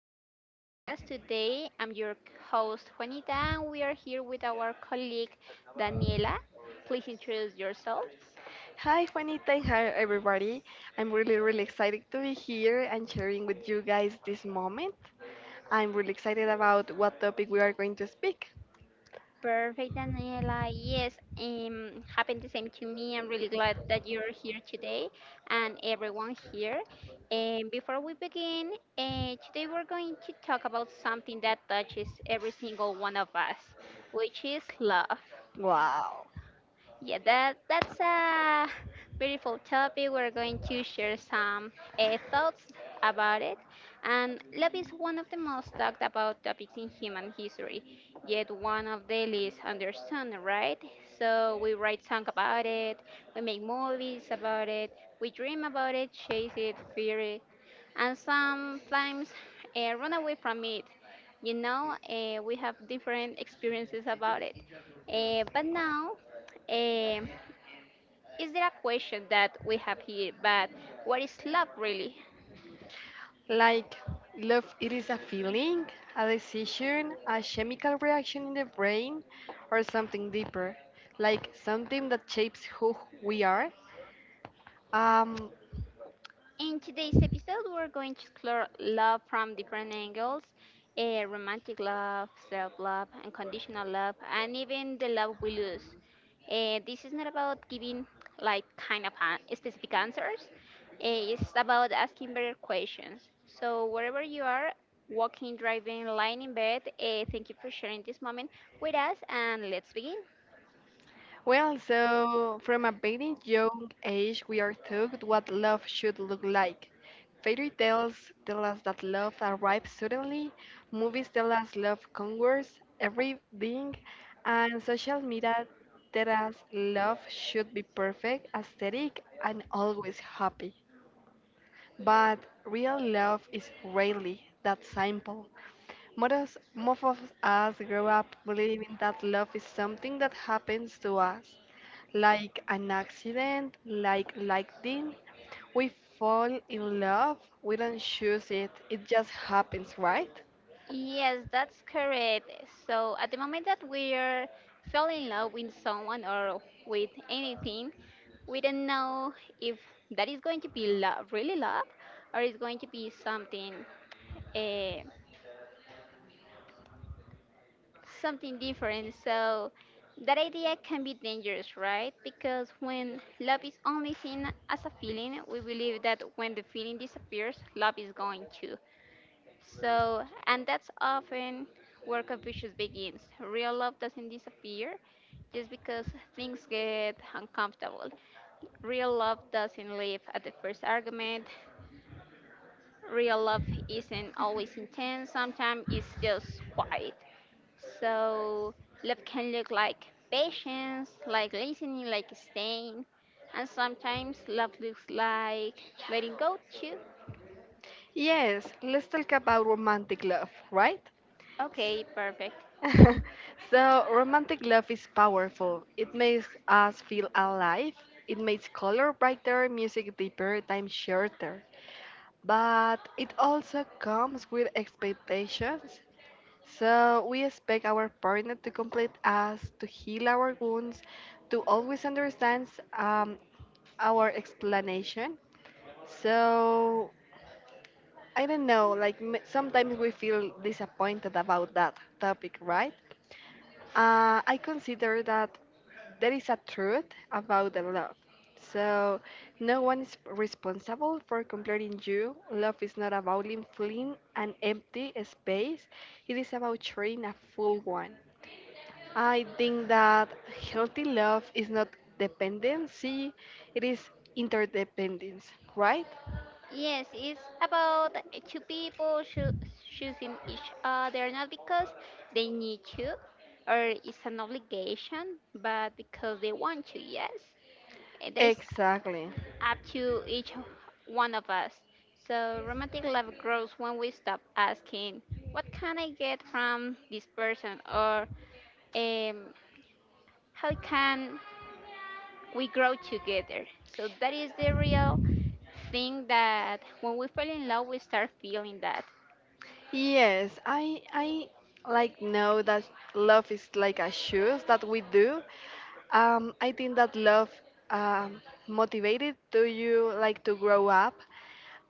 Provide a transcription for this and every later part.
a Feeling podcast. Today, I'm your host, Juanita, and we are here with our colleague, Daniela. Please introduce yourself. Hi Juanita and hi everybody. I'm really excited to be here and sharing with you guys this moment. I'm really excited about what topic we are going to speak. Perfect, Daniela. Yes, happened the same to me. I'm really glad that you're here today and everyone here. And before we begin, today we're going to talk about something that touches every single one of us, which is love. Wow. Yeah, that's a beautiful topic. We're going to share some thoughts about it. And love is one of the most talked about topics in human history, yet one of the least understood, right? So we write songs about it, we make movies about it, we dream about it, chase it, fear it, and sometimes run away from it. We have different experiences about it. But now um, is there a question that we have here? But what is love really? Like, love it is a feeling, a decision, a chemical reaction in the brain or something deeper. Like something that shapes who we are. Um In today's episode, we're going to explore love from different angles, romantic love, self love, unconditional love, and even the love we lose. This is not about giving like kind of specific answers, it's about asking better questions. So, wherever you are, walking, driving, lying in bed, thank you for sharing this moment with us, and let's begin. Well, so from a very young age, we are taught what love should look like. Fairy tales tell us that love arrives suddenly, movies tell us love conquers everything, and social media tell us love should be perfect, aesthetic, and always happy. But real love is rarely that simple. Most of us grow up believing that love is something that happens to us, like an accident, like lightning. We fall in love, we don't choose it, it just happens, right? Yes, that's correct. So at the moment that we're falling in love with someone or with anything, we don't know if that is going to be love, really love, or is going to be something, uh, something different. So that idea can be dangerous, right? Because when love is only seen as a feeling, we believe that when the feeling disappears, love is going too. So, and that's often where confusion begins. Real love doesn't disappear just because things get uncomfortable. Real love doesn't leave at the first argument. Real love isn't always intense, sometimes it's just quiet. So, love can look like patience, like listening, like staying, and sometimes love looks like letting go too. Yes, let's talk about romantic love, right? Okay, perfect. So, romantic love is powerful. It makes us feel alive, it makes color brighter, music deeper, time shorter. But it also comes with expectations. So we expect our partner to complete us, to heal our wounds, to always understand um, our explanation. So I don't know, like sometimes we feel disappointed about that topic, right? I consider that there is a truth about the love. So, no one is responsible for completing you. Love is not about filling an empty space, it is about sharing a full one. I think that healthy love is not dependency, it is interdependence, right? Yes, it's about two people choosing each other not because they need to or it's an obligation, but because they want to, yes. And that is Exactly. up to one of us. So romantic love grows when we stop asking, what can I get from this person? Or um, how can we grow together? So that is the real thing that when we fall in love, we start feeling that. Yes, I like know that love is like a shoes that we do. I think that love um, motivated to you like to grow up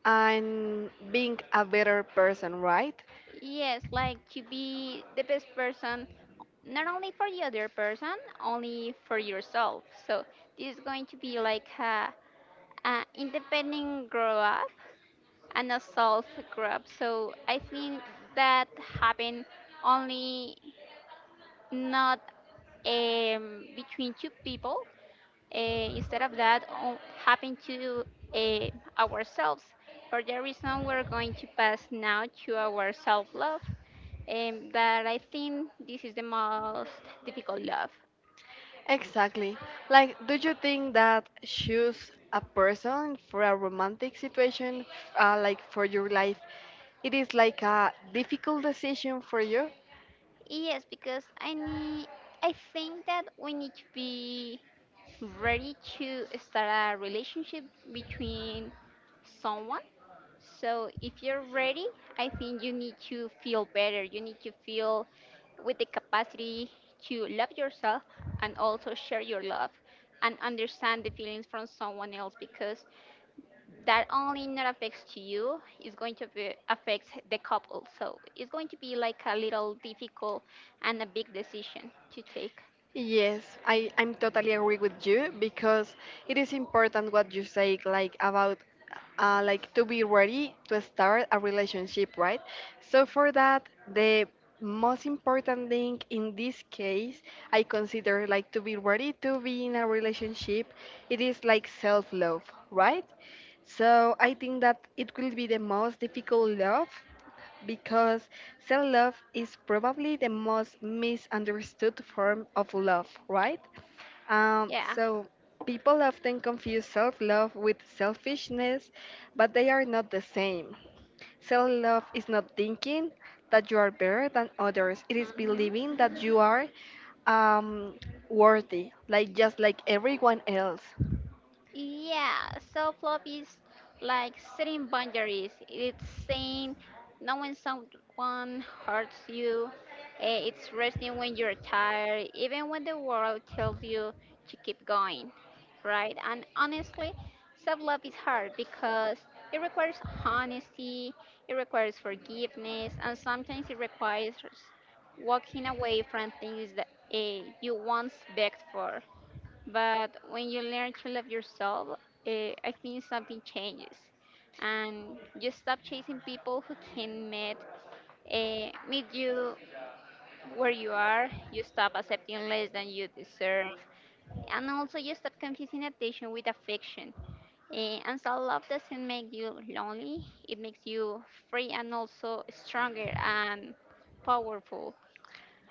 and being a better person, right? Yes, like to be the best person, not only for the other person, only for yourself. So this is going to be like a independent grow up and a self grow up. So I think that happen only not between two people. Instead of that, happen to uh, ourselves. For that reason, we're going to pass now to our self love, that I think this is the most difficult love. Exactly. Like, do you think that choose a person for a romantic situation, like for your life, it is like a difficult decision for you? Yes, because I think that we need to be ready to start a relationship between someone. So if you're ready, I think you need to feel better. You need to feel with the capacity to love yourself and also share your love and understand the feelings from someone else because that only not affects to you is going to be affects the couple. So it's going to be like a little difficult and a big decision to take. Yes, I'm totally agree with you because it is important what you say, like about like to be ready to start a relationship, right? So for that, the most important thing in this case, I consider like to be ready to be in a relationship, it is like self-love, right? So I think that it will be the most difficult love because self love is probably the most misunderstood form of love, right? Um, Yeah. so people often confuse self love with selfishness, but they are not the same. Self love is not thinking that you are better than others, it is Hmm. believing that you are um, worthy, like just like everyone else. Yeah, so flop is like setting boundaries. It's saying no when someone hurts you. It's resting when you're tired, even when the world tells you to keep going, right? And honestly, self-love is hard because it requires honesty, it requires forgiveness, and sometimes it requires walking away from things that you once begged for. But when you learn to love yourself, I think something changes, and you stop chasing people who can meet meet you where you are. You stop accepting less than you deserve, and also you stop confusing attention with affection. And self love doesn't make you lonely; it makes you free and also stronger and powerful.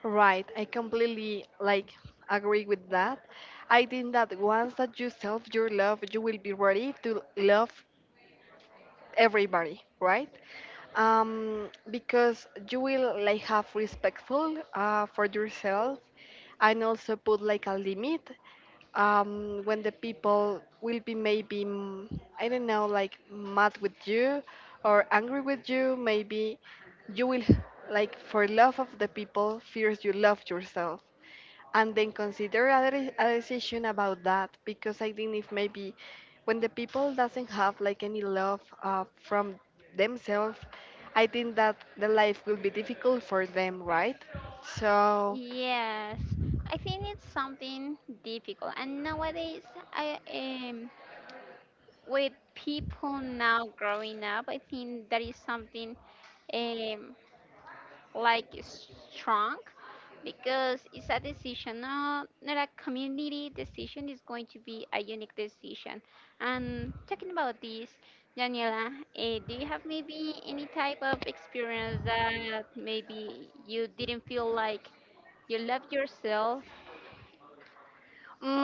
Right, I completely like agree with that. I think that once that you self your love, you will be ready to love everybody, right? Because you will like have respectful for yourself and also put like a limit when the people will be maybe I don't know, like mad with you or angry with you, maybe you will like for love of the people fears you love yourself and then consider a decision about that, because I think if maybe when the people doesn't have like any love from themselves, I think that the life will be difficult for them, right? So Yes, I think it's something difficult, and nowadays I am. With people now growing up, I think that is something um, like strong because it's a decision, not a community decision, it's going to be a unique decision. And talking about this, Daniela, do you have maybe any type of experience that maybe you didn't feel like you love yourself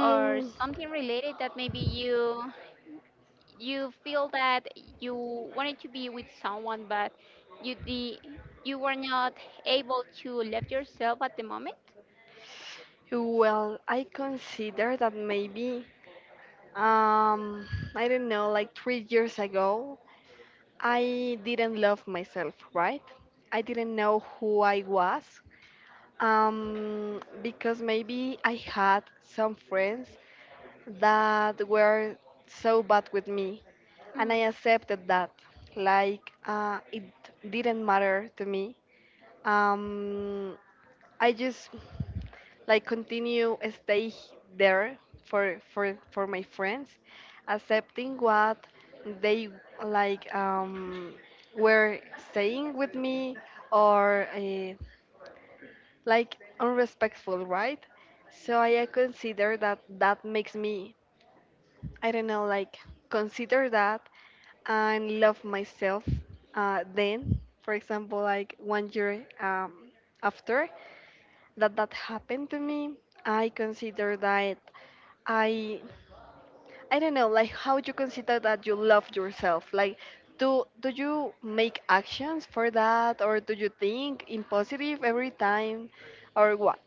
or something related that maybe you feel that you wanted to be with someone, but you the you were not able to love yourself at the moment. well, I consider that maybe um, I don't know, like 3 years ago I didn't love myself, right? I didn't know who I was. Because maybe I had some friends that were so bad with me, and Mm, I accepted that. Like, it didn't matter to me. Um, I just like continue stay there for my friends, accepting what they like um were saying with me or like unrespectful, right? So I consider that that makes me, I don't know, like consider that and love myself. Then, for example, like one year after that that happened to me, I consider that I, I don't know, like how you consider that you love yourself, like. Do you make actions for that or do you think in positive every time or what?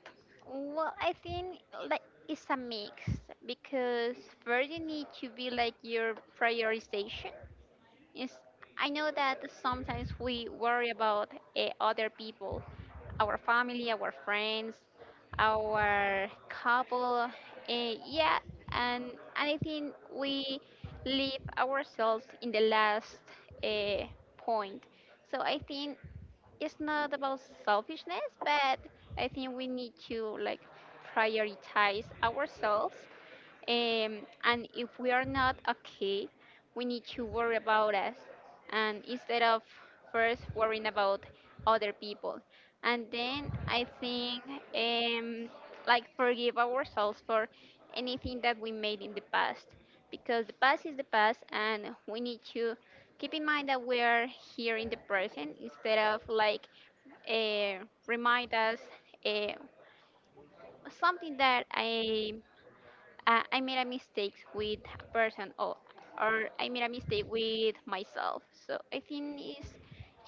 well, I think like it's a mix because first you need to be like your prioritization. Is I know that sometimes we worry about other people, our family, our friends, our couple. eh, yeah, and, and I think we leave ourselves in the last uh, point. So I think it's not about selfishness, but I think we need to like prioritize ourselves, and if we are not okay, we need to worry about us and instead of first worrying about other people. And then I think, um, like forgive ourselves for anything that we made in the past because the past is the past and we need to keep in mind that we are here in the present instead of like remind us uh, something that I made a mistake with a person or I made a mistake with myself. So I think is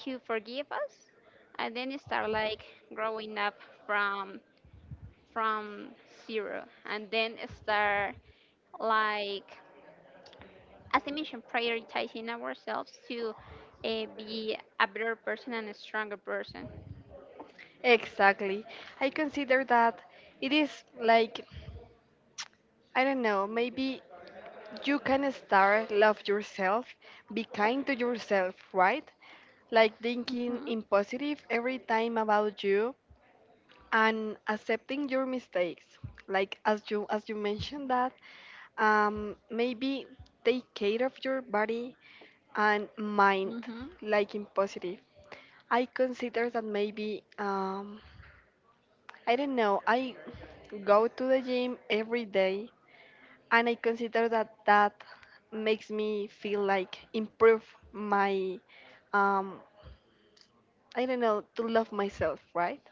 to forgive us and then start like growing up from from zero and then start like as I mentioned prioritizing ourselves to be a better person and a stronger person. Exactly. I consider that it is like, I don't know, maybe you can start love yourself, be kind to yourself, right? Like thinking Hmm. in positive every time about you and accepting your mistakes. Like as you mentioned that, maybe take care of your body and mind, Hmm. like in positive. I consider that maybe I don't know. I go to the gym every day, and I consider that that makes me feel like improve my, um, I don't know, to love myself, right?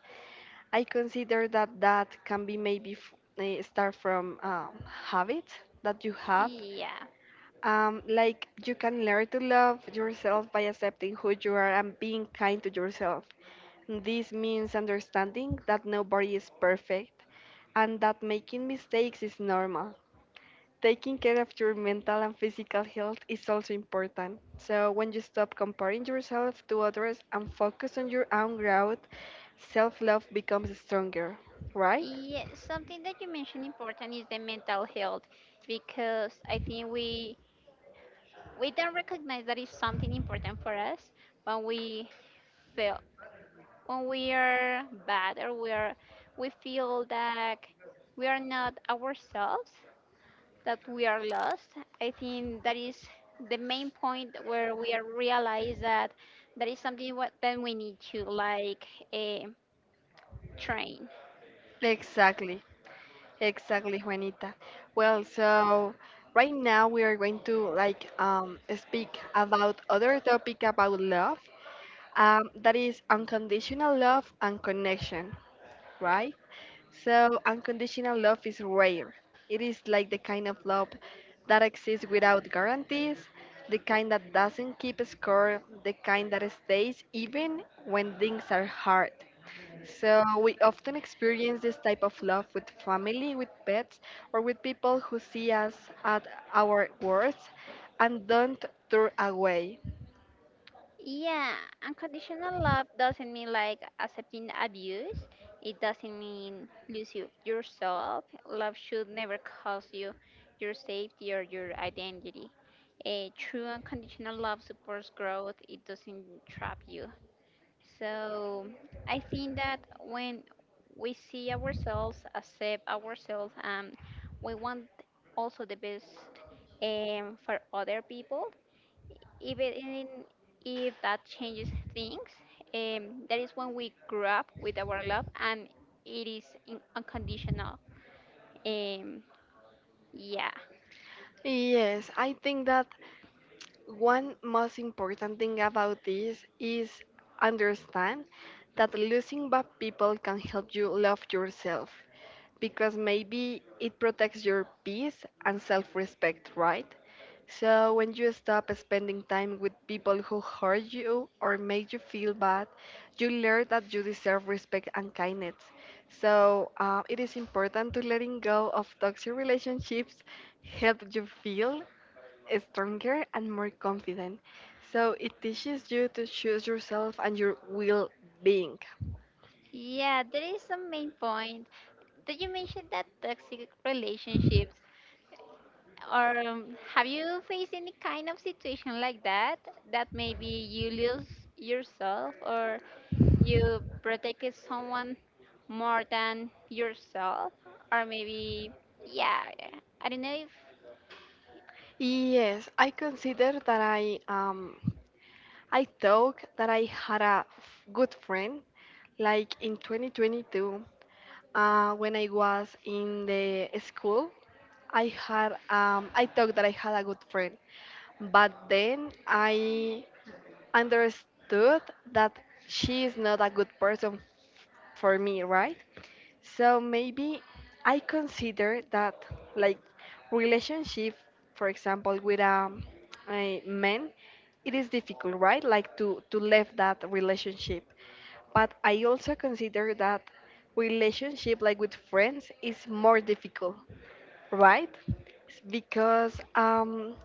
I consider that that can be maybe start from habit that you have. Yeah. Like you can learn to love yourself by accepting who you are and being kind to yourself. This means understanding that nobody is perfect and that making mistakes is normal. Taking care of your mental and physical health is also important. So, when you stop comparing yourself to others and focus on your own growth, self love becomes stronger, right? Yeah, something that you mentioned important is the mental health because I think we don't recognize that it's something important for us when we feel when we are bad or we feel that we are not ourselves, that we are lost. I think that is the main point where we are realize that that is something that we need to like eh, train. Exactly. Exactly, Juanita. Well, so right now we are going to like speak about other topic about love, that is unconditional love and connection, right? So unconditional love is rare. It is like the kind of love that exists without guarantees, the kind that doesn't keep score, the kind that stays even when things are hard. So, we often experience this type of love with family, with pets, or with people who see us at our worst and don't turn away. Yeah, unconditional love doesn't mean like accepting abuse. It doesn't mean lose you yourself. Love should never cost you your safety or your identity. A true unconditional love supports growth. It doesn't trap you. So I think that when we see ourselves, accept ourselves, we want also the best for other people even if that changes things, that is when we grow up with our love and it is unconditional. Um, yeah. Yes, I think that one most important thing about this is understand that losing bad people can help you love yourself, because maybe it protects your peace and self respect, right? So when you stop spending time with people who hurt you or make you feel bad, you learn that you deserve respect and kindness. So it is important to letting go of toxic relationships help you feel stronger and more confident. So it teaches you to choose yourself and your will being. Yeah, there is some main point. Did you mention that toxic relationships? Or have you faced any kind of situation like that? That maybe you lose yourself or you protected someone more than yourself? Or maybe, yeah, I don't know if. Yes, I consider that I thought that I had a good friend like in 2022, when I was in the school. I had I thought that I had a good friend, but then I understood that she is not a good person for me, right? So maybe I consider that like relationship, for example, with a man, it is difficult, right? Like to leave that relationship. But I also consider that relationship like with friends is more difficult, right? Because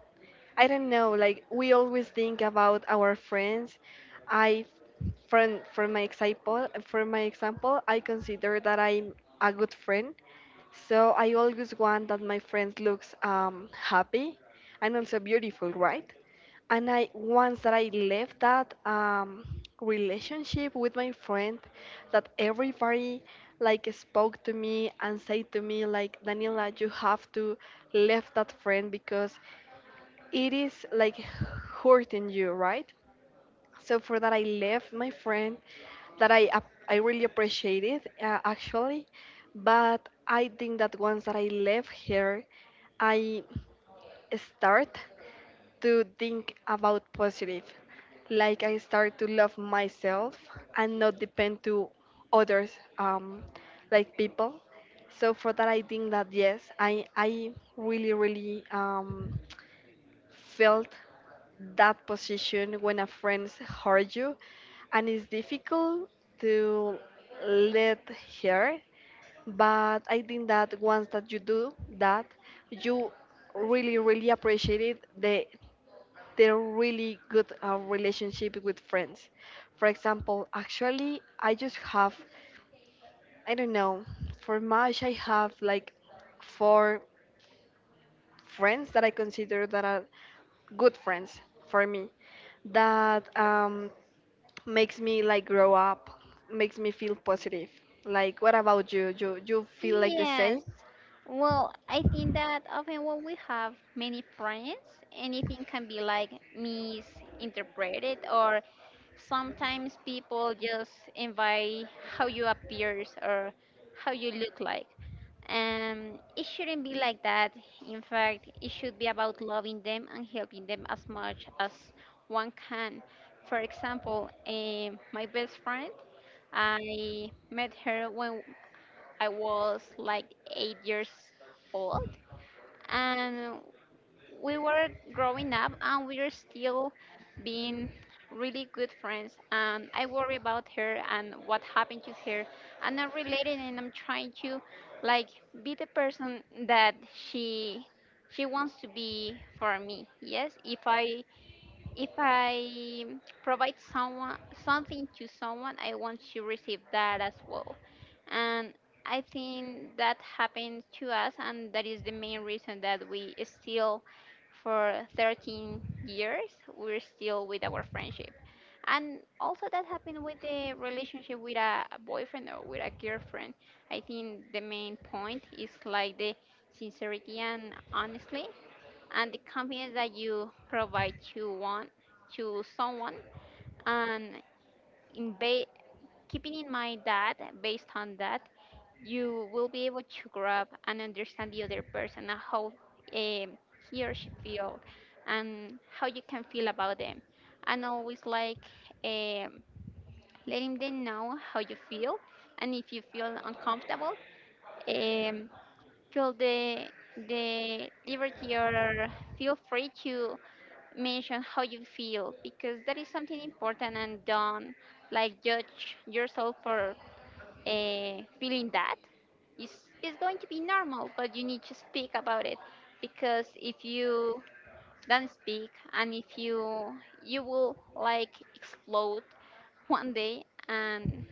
I don't know, like we always think about our friends. I from for my example, I consider that I'm a good friend. So I always want that my friends looks happy and also beautiful, right? And I once that I left that relationship with my friend, that everybody like spoke to me and said to me like, Daniela, you have to left that friend because it is like hurting you, right? So for that, I left my friend that I really appreciate it, actually, but I think that once that I left here, I start to think about positive, like I start to love myself and not depend to others, um, like people. So for that, I think that yes, I really really felt that position when a friend hurt you, and it's difficult to let her. But I think that once that you do that, you really really appreciate it the really good relationship with friends. For example, actually, I just have, I don't know, for much I have like four friends that I consider that are good friends for me, that makes me like grow up, makes me feel positive. Like, what about you? You feel like the same? Yes. Well, I think that often when we have many friends, anything can be like misinterpreted, or sometimes people just invite how you appears or how you look like. It shouldn't be like that. In fact, it should be about loving them and helping them as much as one can. For example, my best friend, I met her when I was like 8 years old, and we were growing up, and we are still being really good friends. And I worry about her and what happened to her. I'm not related, and I'm trying to like be the person that she she wants to be for me. Yes, if I provide someone something to someone, I want to receive that as well. And I think that happens to us, and that is the main reason that we still, for 13 years, we're still with our friendship. And also that happened with the relationship with a boyfriend or with a girlfriend. I think the main point is like the sincerity and honestly and the confidence that you provide to one to someone and in ba- keeping in mind that based on that you will be able to grab and understand the other person and how, um, he or she feels and how you can feel about them and always like, um, letting them know how you feel and if you feel uncomfortable, um, feel the liberty or feel free to mention how you feel because that is something important and don't like judge yourself for feeling that it's, it's going to be normal but you need to speak about it because if you don't speak and if you will like explode one day and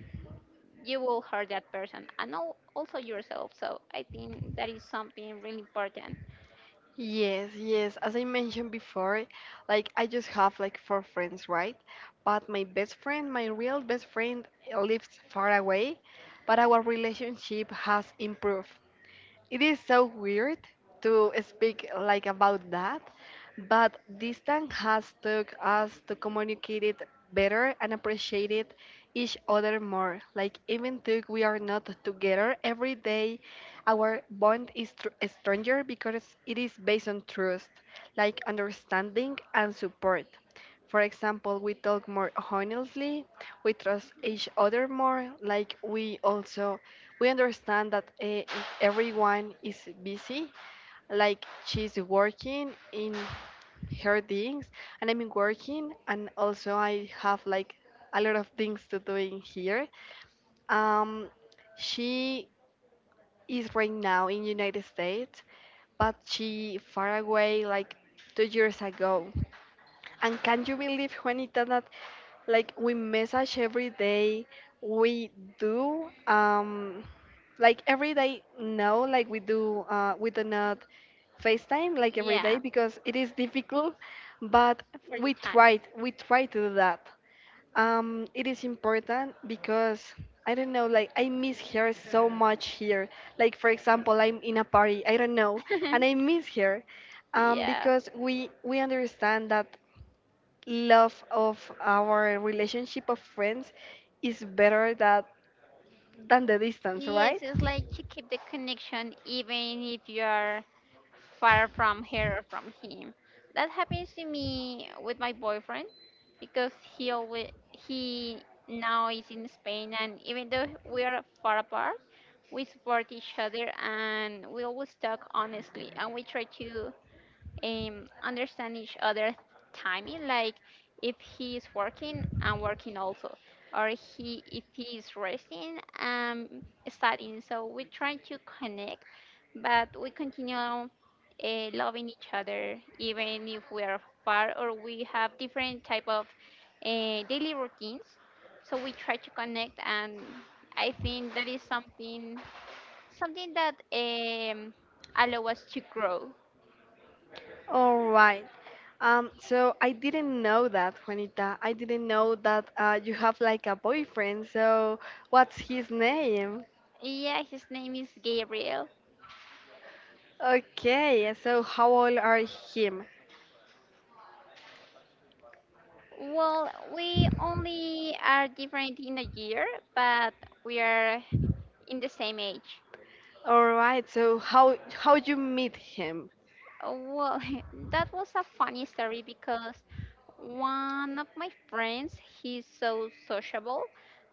you will hurt that person and also yourself. So I think that is something really important. Yes, yes. As I mentioned before, like I just have like four friends, right? But my best friend, my real best friend, lives far away, but our relationship has improved. It is so weird to speak like about that, but distance has taught us to communicate it better and appreciate it each other more. Like even though we are not together every day, our bond is stronger because it is based on trust, like understanding and support. For example, we talk more honestly, we trust each other more, like we also we understand that everyone is busy, like she's working in her things, and I'm working, and also I have like a lot of things to do in here. Um, she is right now in United States, but she far away like 2 years ago. And can you believe, Juanita, that like we message every day, we do like every day no, like we do not FaceTime like every Yeah, day because it is difficult, but for the we try to do that. Um, it is important because I don't know, like I miss her so much here. Like for example, I'm in a party, I don't know, times. and I miss her Yeah. because we understand that love of our relationship of friends is better that than the distance, Yes, right? it's like to keep the connection even if you are far from her or from him. That happens to me with my boyfriend because he now is in Spain, and even though we are far apart, we support each other and we always talk honestly and we try to understand each other timing, like if he is working I'm working also, or he if he is resting I'm studying, so we try to connect, but we continue loving each other even if we are far or we have different type of daily routines. So we try to connect, and I think that is something, something that allow us to grow. All right. So I didn't know that, Juanita. I didn't know that you have like a boyfriend. So what's his name? Yeah, his name is Gabriel. Okay. So how old are him? Well, we only are different in a year, but we are in the same age. All right. So how you meet him? Oh, well, that was a funny story because one of my friends, he's so sociable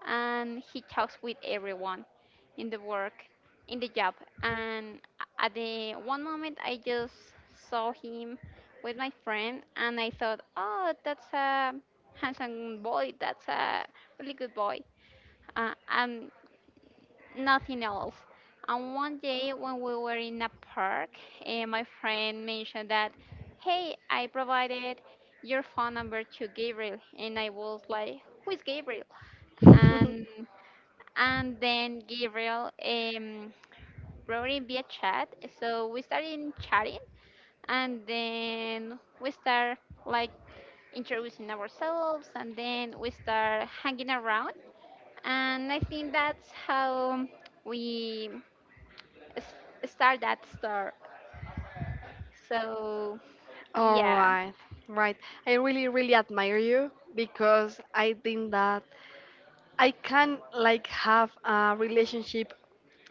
and he talks with everyone in the work, in the job. And at the one moment, I just saw him with my friend and I thought, oh, that's a handsome boy, that's a really good boy. And nothing else. And one day when we were in a park, my friend mentioned that, hey, I provided your phone number to Gabriel, and I was like, who is Gabriel? And and then Gabriel wrote in via chat, so we started chatting, and then we start, like, introducing ourselves, and then we start hanging around, and I think that's how we s- start that store. So All yeah, right, right. I really, really admire you because I think that I can like have a relationship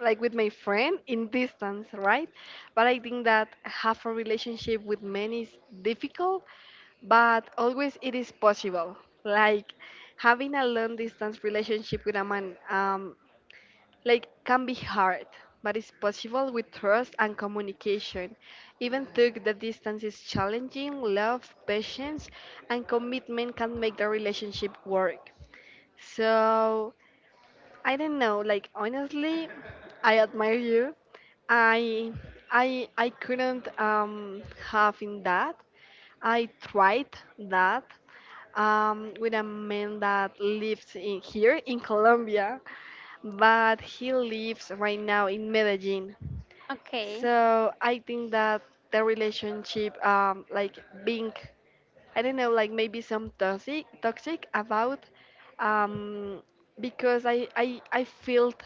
like with my friend in distance, right? But I think that have a relationship with men is difficult, but always it is possible. Like having a long distance relationship with a man, like can be hard, but it's possible with trust and communication. Even though the distance is challenging, love, patience, and commitment can make the relationship work. So I don't know. Like honestly, I admire you. I I couldn't have in that. I tried that with a man that lives in here in Colombia, but he lives right now in Medellin. okay, So I think that the relationship like being I don't know, like maybe some toxic about um, because I felt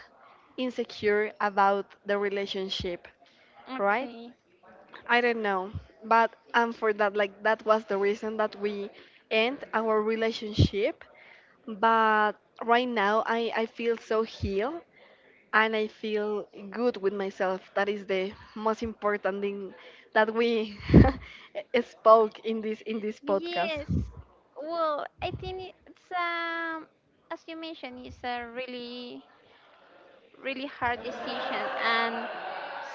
insecure about the relationship, right? okay, I don't know, but for that like that was the reason that we end our relationship. But right now I feel so healed and I feel good with myself. That is the most important thing that we spoke in this podcast. yes. Well, I think it's as you mentioned, it's a really, really hard decision, and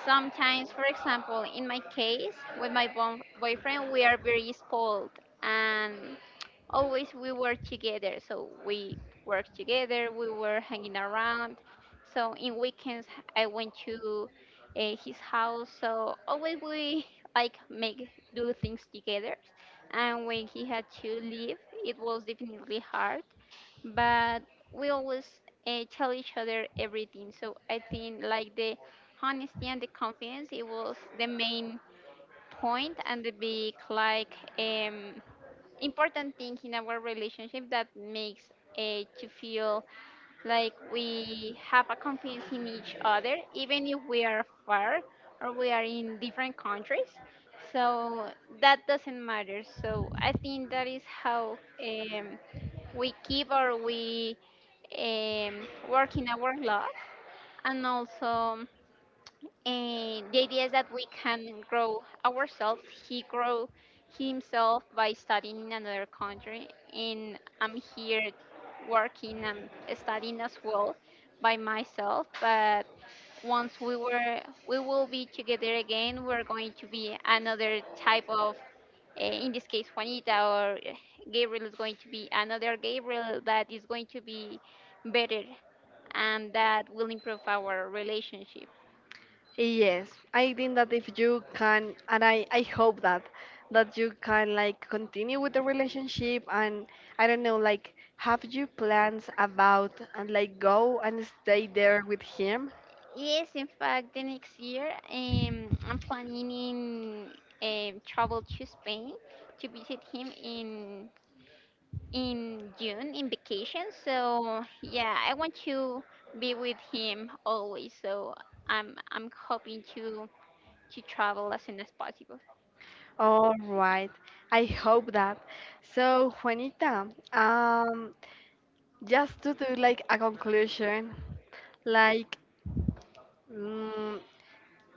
sometimes, for example, in my case, with my boyfriend, we are very spoiled and always we were together. So we worked together, we were hanging around. So in weekends, I went to his house. So always we like make do things together. And when he had to leave, it was definitely hard, but we always tell each other everything. So I think like the honesty and the confidence, it was the main point and the big, like, important thing in our relationship that makes to feel like we have a confidence in each other, even if we are far or we are in different countries. So that doesn't matter. So I think that is how. We keep or we work in our love, and also, and the idea is that we can grow ourselves. He grow himself by studying in another country, and I'm here working and studying as well by myself. But once we were, we will be together again, we're going to be another type of, in this case Juanita, or Gabriel is going to be another Gabriel that is going to be better, and that will improve our relationship. Yes, I think that if you can, and I hope that you can like continue with the relationship and I don't know, like have you plans about and like go and stay there with him? Yes, in fact, the next year I'm planning in, travel to Spain to visit him in June in vacation. So yeah, I want to be with him always. So I'm hoping to travel as soon as possible. All right, I hope that. So Juanita, um, just to do like a conclusion, like mm,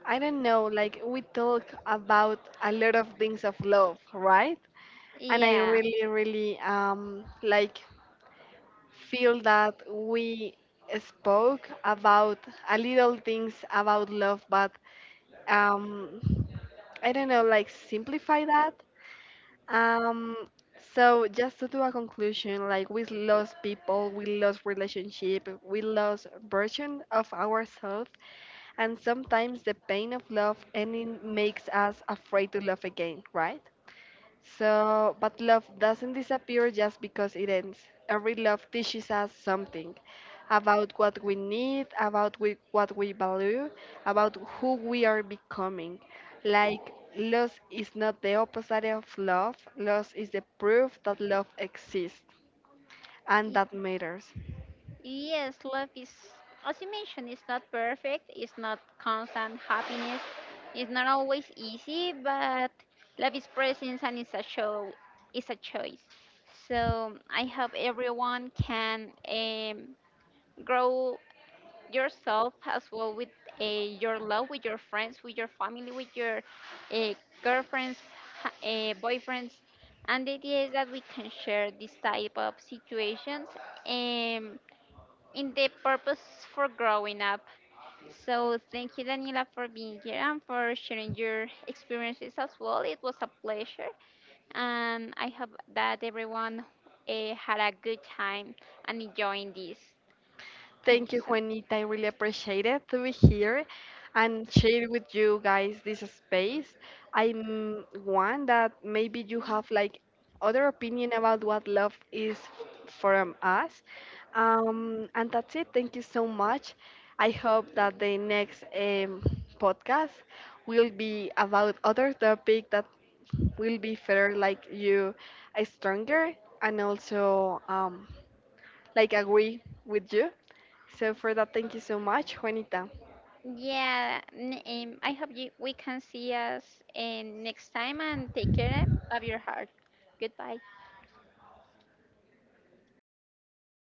I don't know, like we talk about a lot of things of love, right? And I Yeah. really, really like feel that we spoke about a little things about love, but um, I don't know, like simplify that. Um, so just to do a conclusion, like we lost people, we lost relationship, we lost version of ourselves, and sometimes the pain of love ending makes us afraid to love again, right? So, but love doesn't disappear just because it ends. Every love teaches us something about what we need, about we, what we value, about who we are becoming. Like, loss is not the opposite of love, loss is the proof that love exists and that matters. Yes, love is, as you mentioned, it's not perfect, it's not constant happiness, it's not always easy, but love is presence and it's a show, it's a choice. So I hope everyone can grow yourself as well with your love, with your friends, with your family, with your uh, girlfriends, boyfriends, and the idea is that we can share this type of situations. Um, in the purpose for growing up. So thank you, Daniela, for being here and for sharing your experiences as well. It was a pleasure, and I hope that everyone had a good time and enjoying this. Thank Thank you you, so much. Juanita. I really appreciate it to be here and share with you guys this space. I'm one that maybe you have like other opinion about what love is from us. And that's it. Thank you so much. I hope that the next podcast will be about other topic that will be fair, like you stronger and also like agree with you. So for that, thank you so much, Juanita. Yeah, I hope you, we can see us next time and take care of your heart. Goodbye.